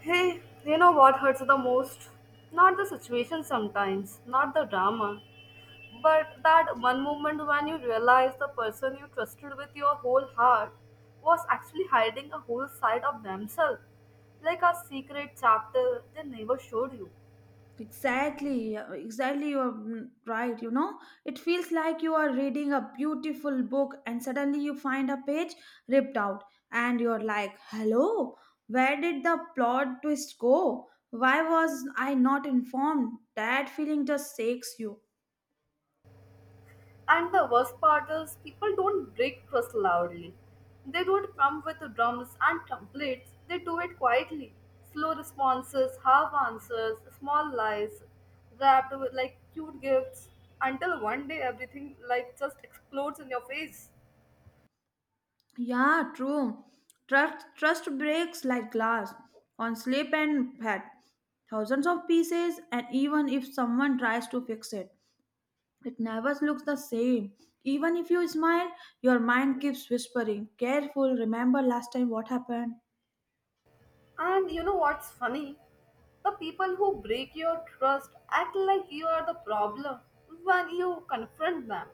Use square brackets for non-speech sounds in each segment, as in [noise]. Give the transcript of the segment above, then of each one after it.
Hey, you know what hurts the most? Not the situation sometimes, not the drama, but that one moment when you realize the person you trusted with your whole heart was actually hiding a whole side of themselves, like a secret chapter they never showed you. Exactly, yeah, exactly, you are right. You know, it feels like you are reading a beautiful book and suddenly you find a page ripped out, and you're like, hello, where did the plot twist go? Why was I not informed? That feeling just shakes you. And the worst part is, people don't break trust loudly. They don't come with drums and templates, they do it quietly. Slow responses, half answers, small lies, wrapped with like cute gifts, until one day everything like just explodes in your face. Yeah, true. Trust breaks like glass on slip and fat, thousands of pieces, and even if someone tries to fix it. It never looks the same. Even if you smile, your mind keeps whispering, careful, remember last time what happened. And you know what's funny? The people who break your trust act like you are the problem when you confront them.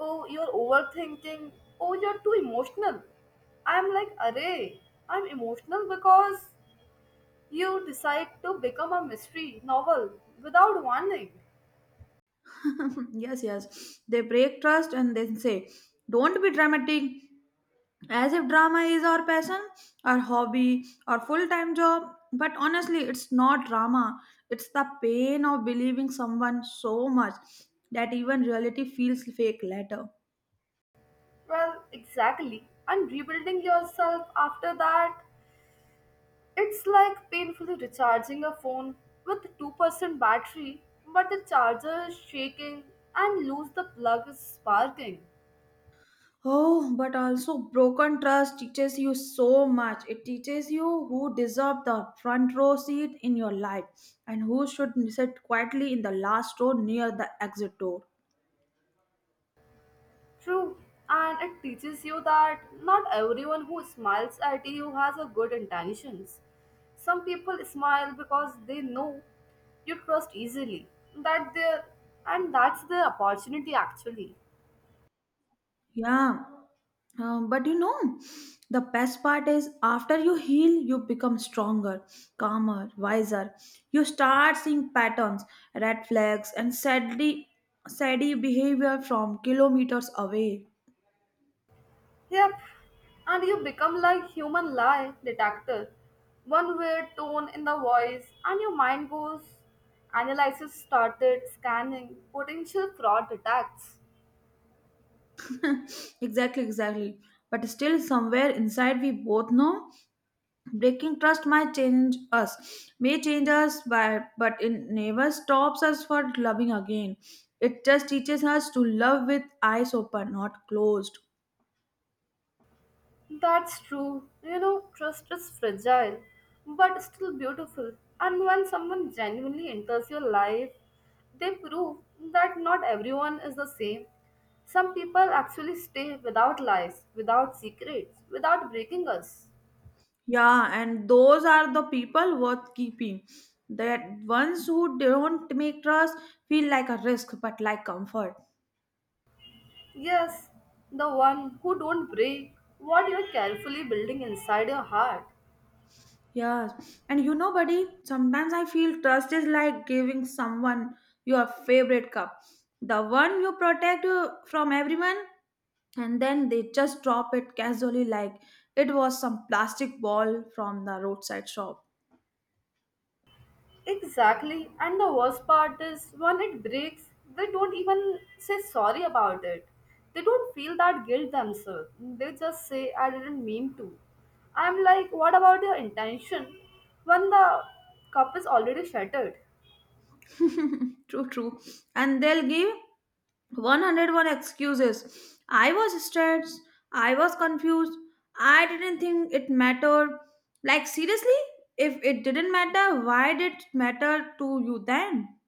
Oh, you're overthinking. Oh, you're too emotional. I'm like, array. I'm emotional because you decide to become a mystery novel without warning. [laughs] Yes, yes. They break trust and then say, don't be dramatic. As if drama is our passion, our hobby, our full time job. But honestly, it's not drama. It's the pain of believing someone so much that even reality feels fake later. Well, exactly. And rebuilding yourself after that, it's like painfully recharging a phone with 2% battery, but the charger is shaking and lose the plug is sparking. Oh, but also broken trust teaches you so much. It teaches you who deserve the front row seat in your life and who should sit quietly in the last row near the exit door. True, and it teaches you that not everyone who smiles at you has a good intentions. Some people smile because they know you trust easily. That their and that's the opportunity actually. Yeah, but you know, the best part is after you heal, you become stronger, calmer, wiser. You start seeing patterns, red flags, and sadly behavior from kilometers away. Yep. And you become like human lie detector. One weird tone in the voice and your mind goes analysis started scanning potential fraud attacks. [laughs] Exactly, exactly. But still, somewhere inside, we both know breaking trust might change us, may change us, by, but it never stops us for loving again. It just teaches us to love with eyes open, not closed. That's true. You know, trust is fragile, but still beautiful. And when someone genuinely enters your life, they prove that not everyone is the same. Some people actually stay without lies, without secrets, without breaking us. Yeah, and those are the people worth keeping. That ones who don't make trust feel like a risk, but like comfort. Yes, the one who don't break what you're carefully building inside your heart. Yes, and you know, buddy, sometimes I feel trust is like giving someone your favorite cup, the one you protect from everyone, and then they just drop it casually like it was some plastic ball from the roadside shop. Exactly. And the worst part is when it breaks, they don't even say sorry about it. They don't feel that guilt themselves. They just say, I didn't mean to. I'm like, what about your intention when the cup is already shattered? [laughs] True, true. And they'll give 101 excuses. I was stressed. I was confused. I didn't think it mattered. Like, seriously? If it didn't matter, why did it matter to you then?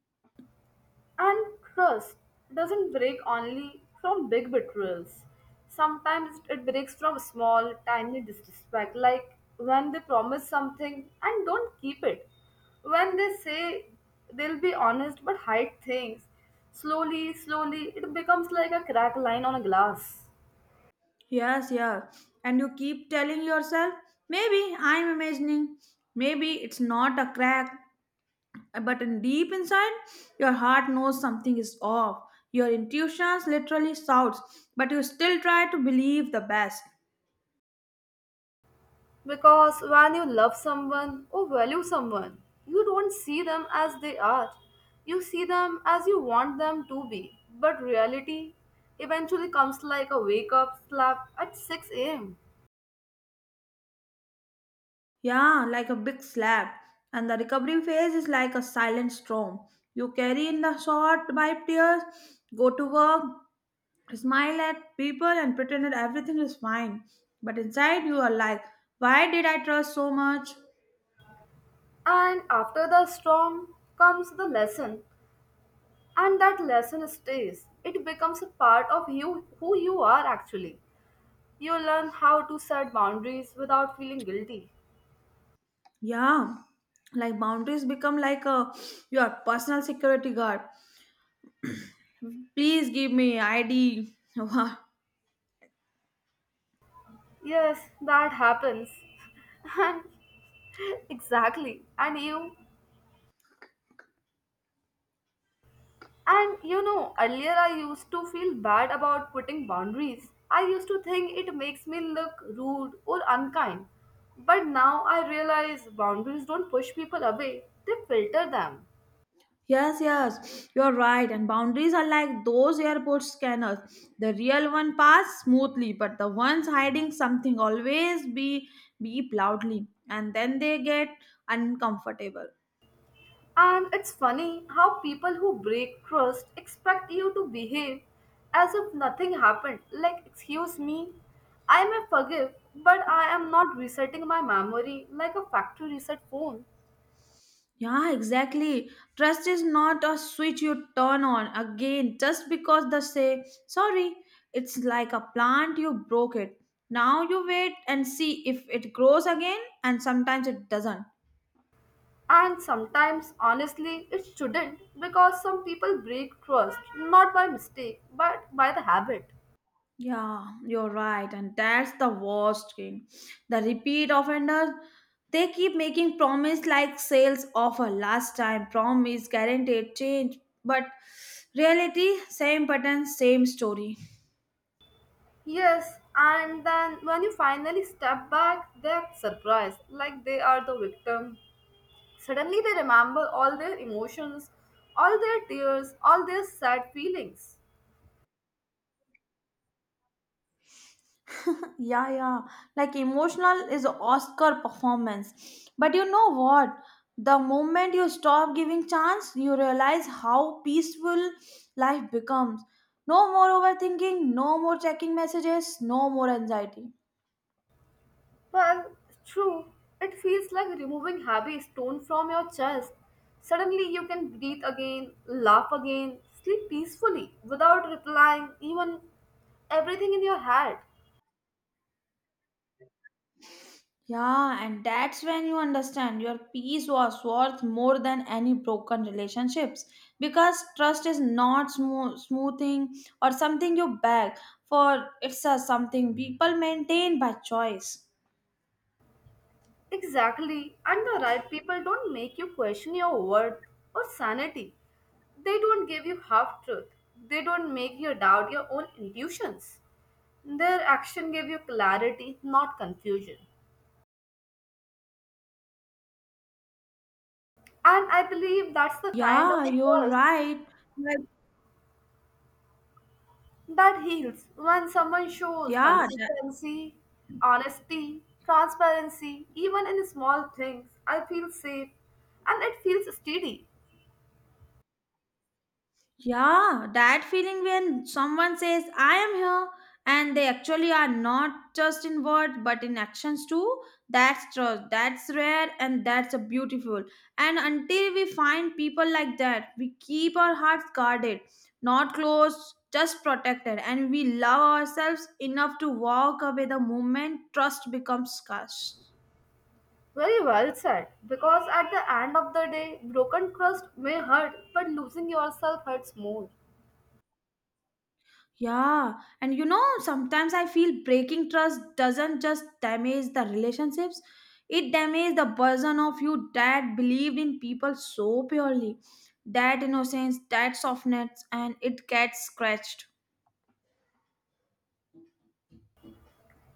And trust doesn't break only from big betrayals. Sometimes it breaks from small, tiny disrespect, like when they promise something and don't keep it. When they say they'll be honest but hide things, slowly, slowly, it becomes like a crack line on a glass. Yes, yes. And you keep telling yourself, maybe I'm imagining. Maybe it's not a crack. But in deep inside, your heart knows something is off. Your intuitions literally shouts, but you still try to believe the best. Because when you love someone or value someone, you don't see them as they are. You see them as you want them to be. But reality eventually comes like a wake up slap at 6 am. Yeah, like a big slab. And the recovery phase is like a silent storm. You carry in the short by tears, go to work, smile at people, and pretend that everything is fine. But inside, you are like, why did I trust so much? And after the storm comes the lesson, and that lesson stays. It becomes a part of you who you are actually. You learn how to set boundaries without feeling guilty. Yeah, like boundaries become like a your personal security guard. Please give me ID. [laughs] Yes, that happens. [laughs] And exactly. And you know, earlier I used to feel bad about putting boundaries. I used to think it makes me look rude or unkind. But now I realize boundaries don't push people away, they filter them. Yes, yes, you're right. And boundaries are like those airport scanners. The real one pass smoothly, but the ones hiding something always be beep loudly, and then they get uncomfortable. And it's funny how people who break trust expect you to behave as if nothing happened. Like, excuse me, I may forgive, but I am not resetting my memory like a factory reset phone. Yeah, exactly. Trust is not a switch you turn on again just because they say sorry. It's like a plant you broke it. Now you wait and see if it grows again, and sometimes it doesn't. And sometimes, honestly, it shouldn't because some people break trust not by mistake but by the habit. Yeah, you're right, and that's the worst thing. The repeat offenders, they keep making promise like sales offer last time, promise guaranteed change, but reality same pattern, same story. Yes, and then when you finally step back, they are surprised like they are the victim. Suddenly they remember all their emotions, all their tears, all their sad feelings. Yeah, yeah, like emotional is Oscar performance. But you know what? The moment you stop giving chance, you realize how peaceful life becomes. No more overthinking, no more checking messages, no more anxiety. Well, true, it feels like removing heavy stone from your chest. Suddenly you can breathe again, laugh again, sleep peacefully without replying even everything in your head. Yeah, and that's when you understand your peace was worth more than any broken relationships because trust is not smoothing or something you beg for, it's a something people maintain by choice. Exactly, and the right people don't make you question your worth or sanity. They don't give you half truth. They don't make you doubt your own intuitions. Their action gave you clarity, not confusion. And I believe that's the kind of Yeah, a you're trust right. But that heals when someone shows yeah, consistency, honesty, transparency, even in small things. I feel safe and it feels steady. yeah, that feeling when someone says, I am here, and they actually are not just in words but in actions too. That's trust, that's rare, and that's a beautiful. And until we find people like that, we keep our hearts guarded, not closed, just protected, and we love ourselves enough to walk away the moment trust becomes scarce. Very well said. Because at the end of the day, broken trust may hurt, but losing yourself hurts more. Yeah, and you know, sometimes I feel breaking trust doesn't just damage the relationships, it damages the person of you that believed in people so purely. That innocence, that softness, and it gets scratched.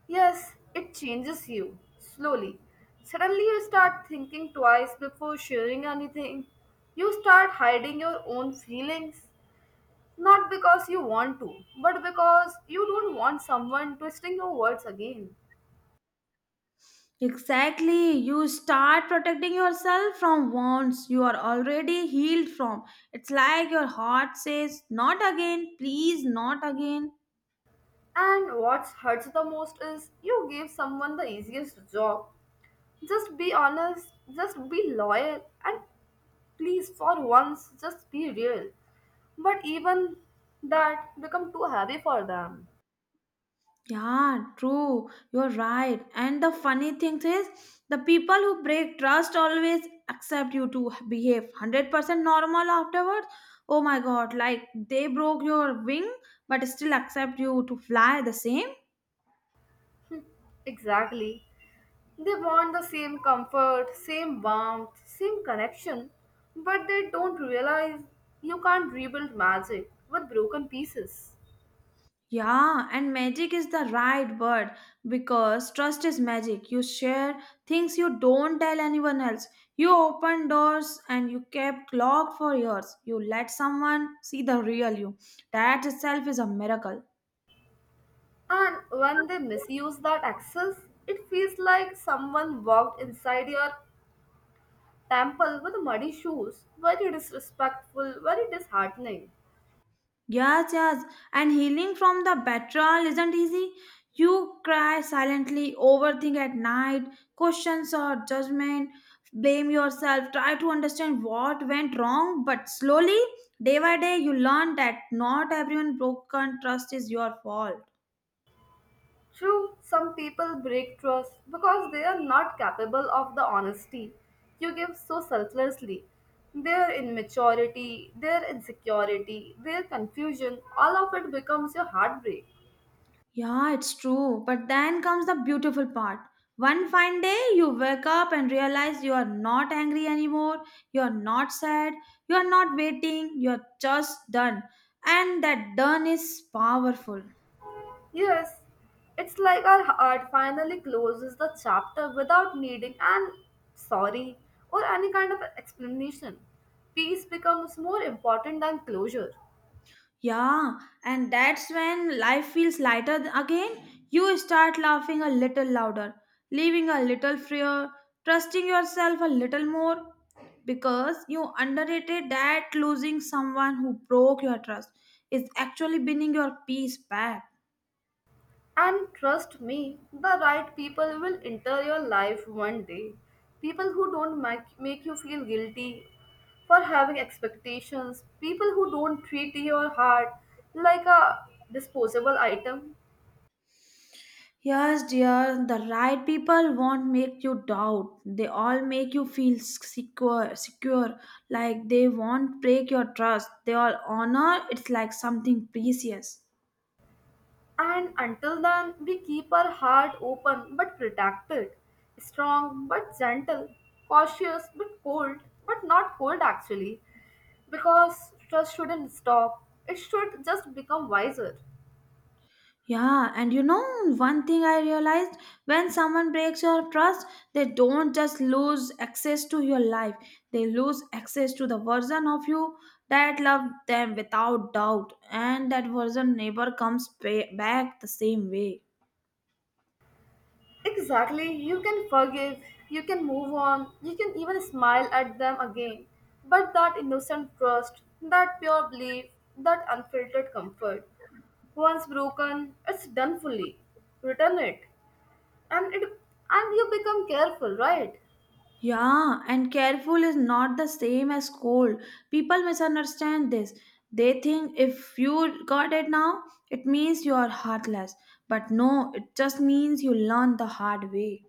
Yes, it changes you slowly. Suddenly, you start thinking twice before sharing anything. You start hiding your own feelings, not because you want to, but because you don't want someone twisting your words again. Exactly, you start protecting yourself from wounds you are already healed from. It's like your heart says, not again, please, not again. And what hurts the most is you gave someone the easiest job. Just be honest, just be loyal, and please, for once, just be real. But even that become too heavy for them. Yeah, true. You're right. And the funny thing is, the people who break trust always accept you to behave 100% normal afterwards. Oh my god, like they broke your wing but still accept you to fly the same. Exactly. They want the same comfort, same warmth, same connection, but they don't realize you can't rebuild magic with broken pieces. Yeah, and magic is the right word because trust is magic. You share things you don't tell anyone else. You open doors and you kept locked for years. You let someone see the real you. That itself is a miracle. And when they misuse that access, it feels like someone walked inside your temple with muddy shoes. Very disrespectful, very disheartening. Yes, yes. And healing from the betrayal isn't easy. You cry silently, overthink at night, questions or judgment, blame yourself, try to understand what went wrong. But slowly, day by day, you learn that not everyone broken trust is your fault. True, some people break trust because they are not capable of the honesty you give so selflessly. Their immaturity, their insecurity, their confusion, all of it becomes your heartbreak. Yeah, it's true. But then comes the beautiful part. One fine day, you wake up and realize you are not angry anymore, you are not sad, you are not waiting, you are just done. And that done is powerful. Yes, it's like our heart finally closes the chapter without needing an sorry or any kind of explanation. Peace becomes more important than closure. Yeah, and that's when life feels lighter again. You start laughing a little louder, living a little freer, trusting yourself a little more because you underrated that losing someone who broke your trust is actually bringing your peace back. And trust me, the right people will enter your life one day. People who don't make you feel guilty for having expectations, people who don't treat your heart like a disposable item. Yes, dear, the right people won't make you doubt. They all make you feel secure, like they won't break your trust. They all honor it's like something precious. And until then, we keep our heart open but protected, strong but gentle, cautious but cold, but not cold actually, because trust shouldn't stop, it should just become wiser. Yeah, and you know, one thing I realized when someone breaks your trust, they don't just lose access to your life, they lose access to the version of you that loved them without doubt, and that version never comes back the same way. Exactly. You can forgive, you can move on, you can even smile at them again. But that innocent trust, that pure belief, that unfiltered comfort, once broken, it's done fully. Return it. And it and you become careful, right? Yeah, and careful is not the same as cold. People misunderstand this. They think if you got it now, it means you are heartless. But no, it just means you learn the hard way.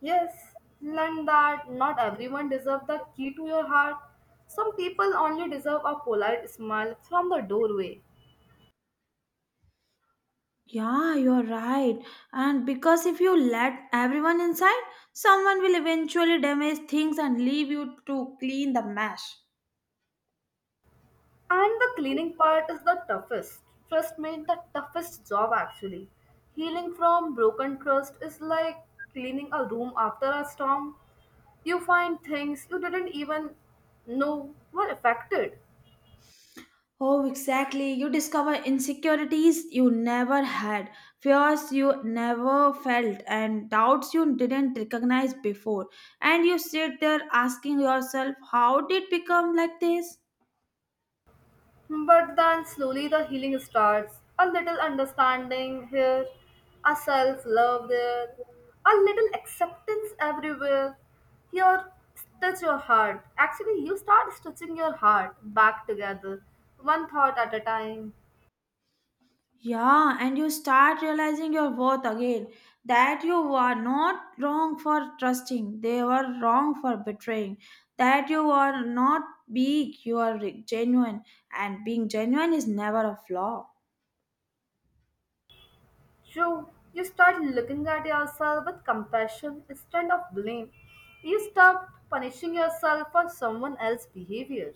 Yes. Learn that not everyone deserves the key to your heart. Some people only deserve a polite smile from the doorway. Yeah, you're right. And because if you let everyone inside, someone will eventually damage things and leave you to clean the mess. And the cleaning part is the toughest. Trust me, the toughest job actually. Healing from broken trust is like cleaning a room after a storm. You find things you didn't even know were affected. Oh, exactly. You discover insecurities you never had, fears you never felt, and doubts you didn't recognize before. And you sit there asking yourself, how did become like this? But then slowly the healing starts. A little understanding here, a self love there, a little acceptance everywhere. Here, stitch your heart. Actually, you start stitching your heart back together, one thought at a time. Yeah, and you start realizing your worth again that you were not wrong for trusting, they were wrong for betraying, that you are not big, you are genuine, and being genuine is never a flaw. So, you start looking at yourself with compassion instead of blame. You stop punishing yourself for someone else's behavior.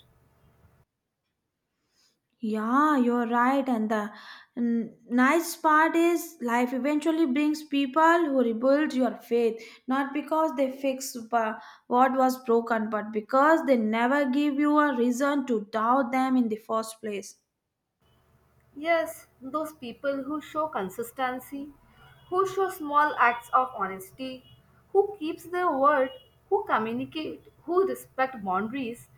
Yeah, you're right. And the nice part is life eventually brings people who rebuild your faith, not because they fix what was broken, but because they never give you a reason to doubt them in the first place. Yes, those people who show consistency, who show small acts of honesty, who keeps their word, who communicate, who respect boundaries,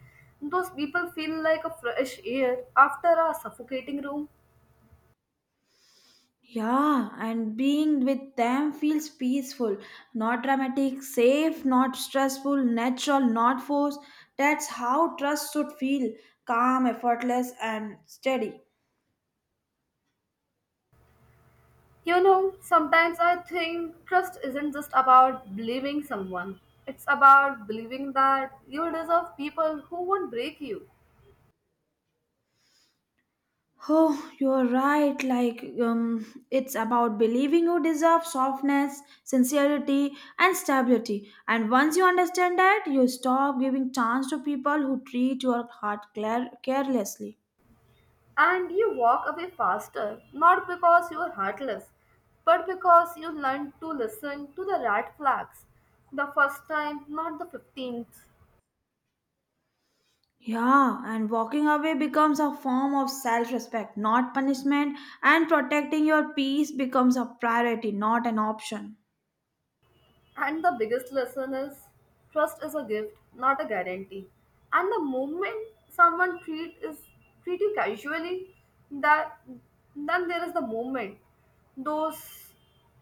those people feel like a fresh air after a suffocating room. Yeah, and being with them feels peaceful, not dramatic, safe, not stressful, natural, not forced. That's how trust should feel calm, effortless, and steady. You know, sometimes I think trust isn't just about believing someone. It's about believing that you deserve people who won't break you. Oh, you're right. Like, it's about believing you deserve softness, sincerity, and stability. And once you understand that, you stop giving chance to people who treat your heart carelessly. And you walk away faster, not because you are heartless, but because you learned to listen to the red flags the first time, not the 15th. Yeah, and walking away becomes a form of self respect, not punishment, and protecting your peace becomes a priority, not an option. And the biggest lesson is trust is a gift, not a guarantee. And the moment someone treat you casually, that then there is the moment. Those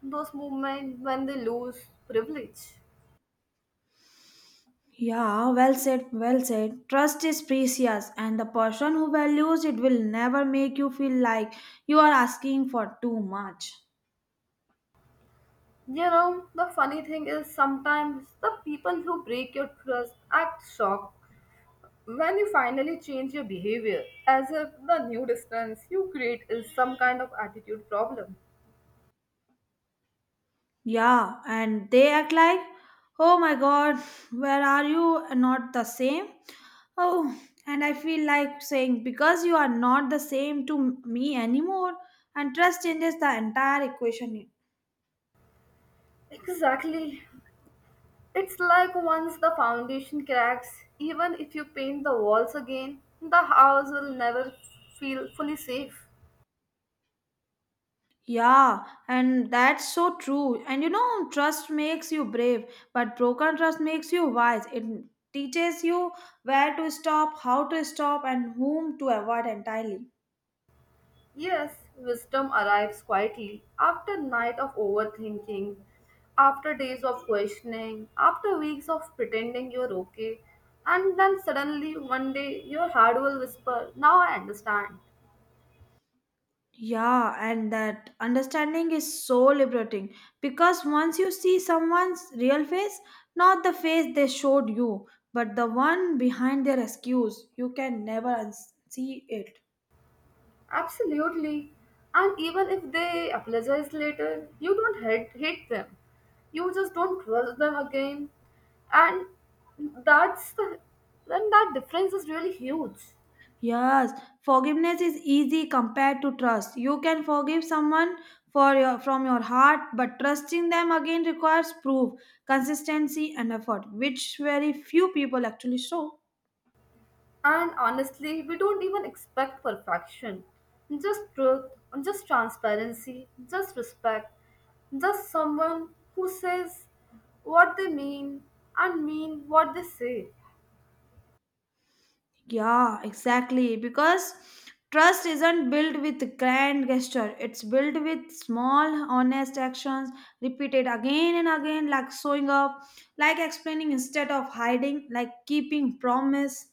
those moment when they lose privilege. Yeah, well said, well said. Trust is precious, and the person who values it will never make you feel like you are asking for too much. You know, the funny thing is sometimes the people who break your trust act shocked when you finally change your behavior, as if the new distance you create is some kind of attitude problem. Yeah, and they act like, oh my god, where are you? Not the same. Oh, and I feel like saying because you are not the same to me anymore, and trust changes the entire equation. Exactly. It's like once the foundation cracks, even if you paint the walls again, the house will never feel fully safe. Yeah, and that's so true. And you know, trust makes you brave, but broken trust makes you wise. It teaches you where to stop, how to stop, and whom to avoid entirely. Yes, wisdom arrives quietly after night of overthinking, after days of questioning, after weeks of pretending you're okay, and then suddenly one day your heart will whisper, now I understand. Yeah, and that understanding is so liberating because once you see someone's real face, not the face they showed you, but the one behind their excuse, you can never see it. Absolutely. And even if they apologize later, you don't hate them. You just don't trust them again. And that's then that difference is really huge. Yes, forgiveness is easy compared to trust. You can forgive someone for your from your heart, but trusting them again requires proof, consistency, and effort, which very few people actually show. And honestly, we don't even expect perfection. Just truth, just transparency, just respect, just someone who says what they mean and mean what they say. Yeah, exactly. Because trust isn't built with grand gesture, it's built with small, honest actions repeated again and again, like showing up, like explaining instead of hiding, like keeping promise.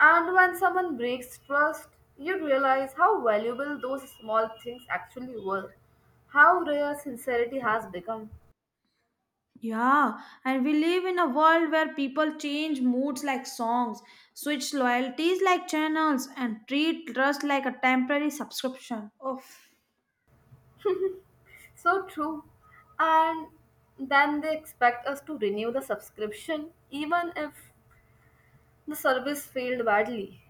And when someone breaks trust, you realize how valuable those small things actually were, how rare sincerity has become. Yeah, and we live in a world where people change moods like songs, switch loyalties like channels, and treat trust like a temporary subscription. Oh. So true. And then they expect us to renew the subscription even if the service failed badly.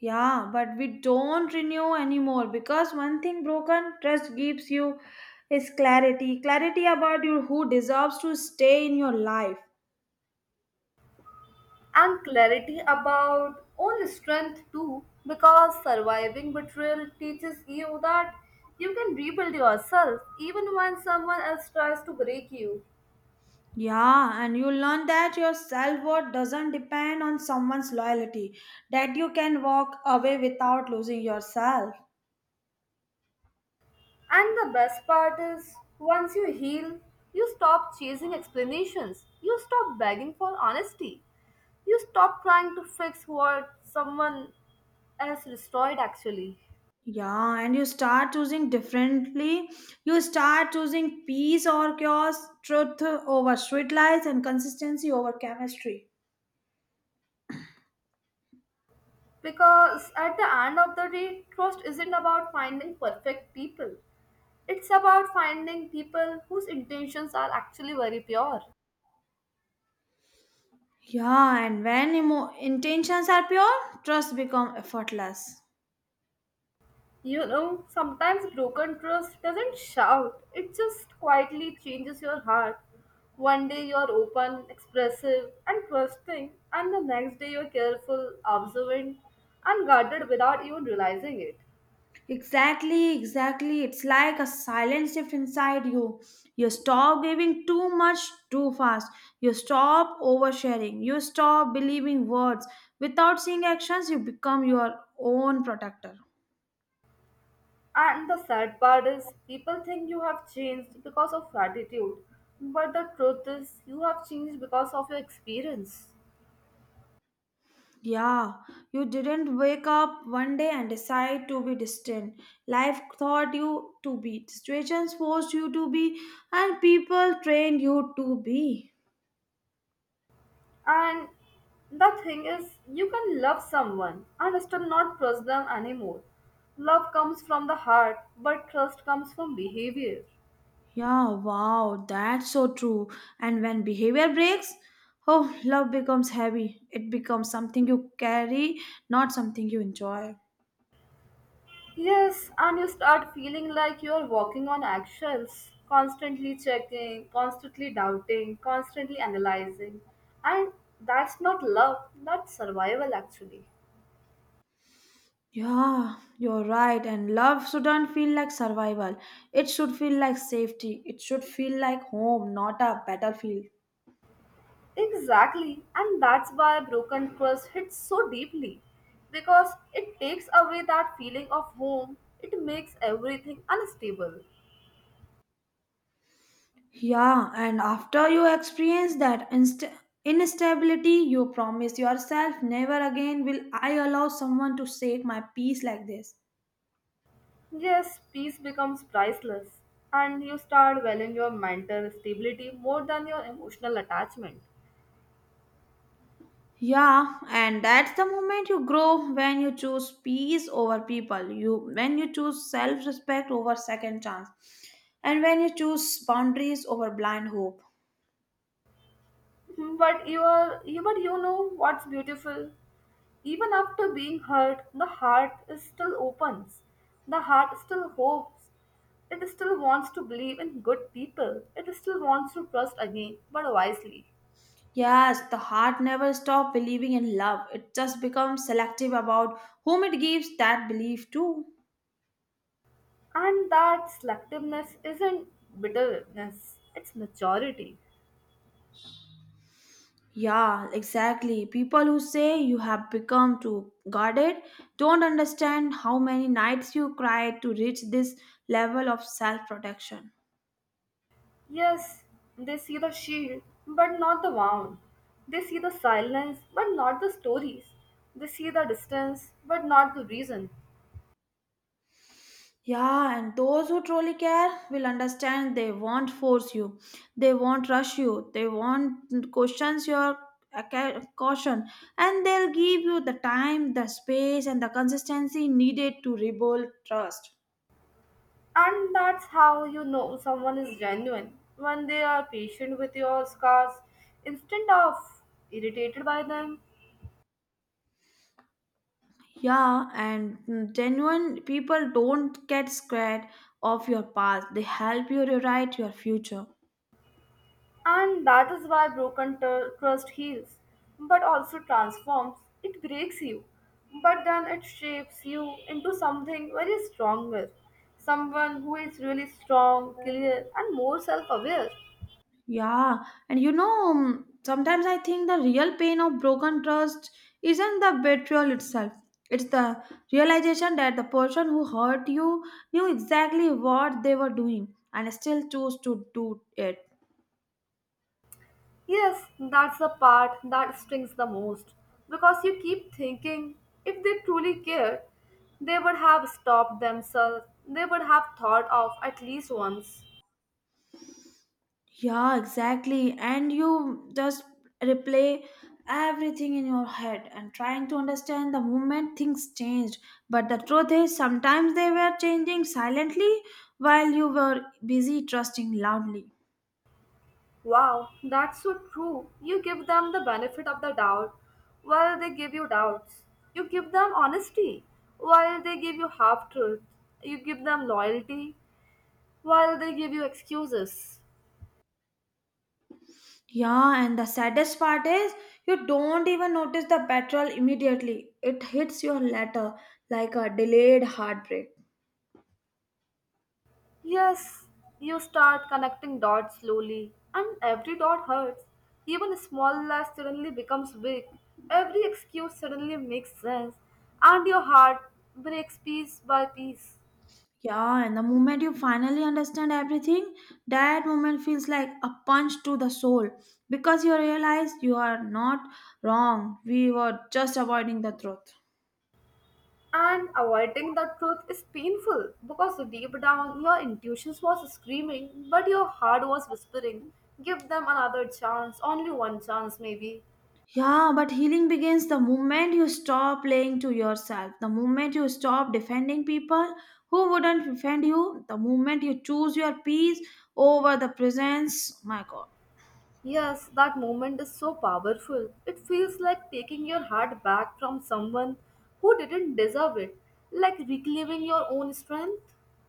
Yeah, but we don't renew anymore because one thing broken, trust gives you is clarity. Clarity about you who deserves to stay in your life. And clarity about own strength too, because surviving betrayal teaches you that you can rebuild yourself even when someone else tries to break you. Yeah, and you learn that your self worth doesn't depend on someone's loyalty, that you can walk away without losing yourself. And the best part is, once you heal, you stop chasing explanations, you stop begging for honesty, you stop trying to fix what someone else destroyed actually. Yeah, and you start choosing differently. You start choosing peace or chaos, truth over sweet lies, and consistency over chemistry. Because at the end of the day, trust isn't about finding perfect people. It's about finding people whose intentions are actually very pure. Yeah, and when intentions are pure, trust become effortless. You know, sometimes broken trust doesn't shout, it just quietly changes your heart. One day you're open, expressive, and trusting, and the next day you're careful, observant, and guarded without even realizing it. Exactly, exactly. It's like a silent shift inside you. You stop giving too much too fast. You stop oversharing. You stop believing words. Without seeing actions, you become your own protector. And the sad part is, people think you have changed because of gratitude, but the truth is, you have changed because of your experience. Yeah, you didn't wake up one day and decide to be distant. Life taught you to be, situations forced you to be, and people trained you to be. And the thing is, you can love someone and still not trust them anymore. Love comes from the heart, but trust comes from behavior. Yeah, wow, that's so true. And when behavior breaks, oh, love becomes heavy. It becomes something you carry, not something you enjoy. Yes, and you start feeling like you're walking on eggshells, constantly checking, constantly doubting, constantly analyzing. And that's not love, that's survival actually. Yeah, you're right. And love shouldn't feel like survival. It should feel like safety. It should feel like home, not a battlefield. Exactly, and that's why broken trust hits so deeply because it takes away that feeling of home, it makes everything unstable. Yeah, and after you experience that instability, you promise yourself, never again will I allow someone to shake my peace like this. Yes, peace becomes priceless, and you start valuing your mental stability more than your emotional attachment. Yeah, and that's the moment you grow when you choose peace over people. You when you choose self-respect over second chance, and when you choose boundaries over blind hope. Hmm, but you are you, but you know what's beautiful? Even after being hurt, the heart is still opens. The heart still hopes. It still wants to believe in good people. It still wants to trust again, but wisely. Yes, the heart never stops believing in love. It just becomes selective about whom it gives that belief to. And that selectiveness isn't bitterness, it's maturity. Yeah, exactly. People who say you have become too guarded don't understand how many nights you cried to reach this level of self protection. Yes, they see the shield, but not the wound. They see the silence, but not the stories. They see the distance, but not the reason. Yeah, and those who truly care will understand they won't force you, they won't rush you, they won't question your caution, and they'll give you the time, the space, and the consistency needed to rebuild trust. And that's how you know someone is genuine when they are patient with your scars instead of irritated by them. Yeah, and genuine people don't get scared of your past. They help you rewrite your future. And that is why broken trust heals, but also transforms. It breaks you, but then it shapes you into something very stronger. Someone who is really strong, clear, and more self aware. Yeah, and sometimes I think the real pain of broken trust isn't the betrayal itself. It's the realization that the person who hurt you knew exactly what they were doing and still chose to do it. Yes, that's the part that stings the most because you keep thinking if they truly cared, they would have stopped themselves, they would have thought of at least once. Yeah, exactly. And you just replay everything in your head and trying to understand the moment things changed. But the truth is, sometimes they were changing silently while you were busy trusting loudly. Wow, that's so true. You give them the benefit of the doubt while they give you doubts. You give them honesty while they give you half truth. You give them loyalty while they give you excuses. Yeah, and the saddest part is you don't even notice the petrol immediately. It hits your later like a delayed heartbreak. Yes, you start connecting dots slowly, and every dot hurts. Even small lies suddenly becomes big. Every excuse suddenly makes sense, and your heart breaks piece by piece. Yeah, and the moment you finally understand everything, that moment feels like a punch to the soul because you realize you are not wrong. We were just avoiding the truth. And avoiding the truth is painful because deep down your intuition was screaming, but your heart was whispering, give them another chance, only one chance, maybe. Yeah, but healing begins the moment you stop playing to yourself, the moment you stop defending people who wouldn't defend you, the moment you choose your peace over the presence. My God. Yes, that moment is so powerful. It feels like taking your heart back from someone who didn't deserve it, like reclaiming your own strength.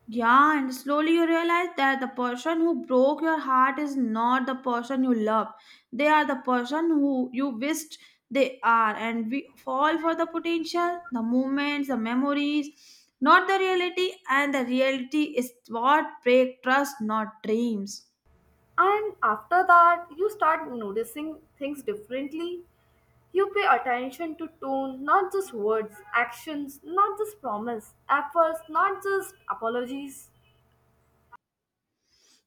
Yeah, and slowly you realize that the person who broke your heart is not the person you love. They are the person who you wished they are. And we fall for the potential, the moments, the memories, not the reality. And the reality is what break trust, not dreams. And after that, you start noticing things differently. You pay attention to tone, not just words, actions, not just promise, efforts, not just apologies.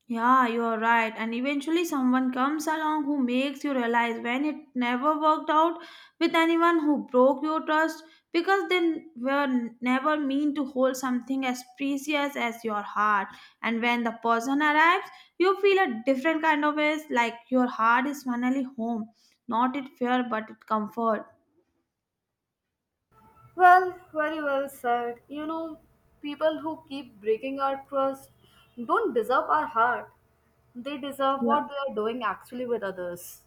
Yeah, you are right. And eventually, someone comes along who makes you realize when it never worked out with anyone who broke your trust because they were never mean to hold something as precious as your heart. And when the person arrives, you feel a different kind of ways like your heart is finally home. Not it fear, but it comfort. Well, very well said. You know, people who keep breaking our trust don't deserve our heart. They deserve Yeah. what they are doing actually with others.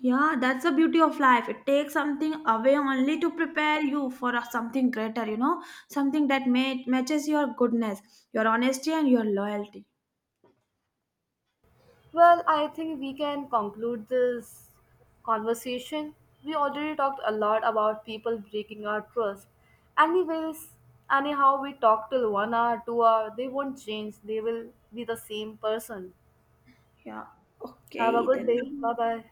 Yeah, that's the beauty of life. It takes something away only to prepare you for something greater, you know, something that matches your goodness, your honesty, and your loyalty. Well, I think we can conclude this conversation. We already talked a lot about people breaking our trust. Anyways, anyhow, we talk till 1 hour, 2 hour, they won't change. They will be the same person. Yeah, Have a okay, good then. day. Bye bye.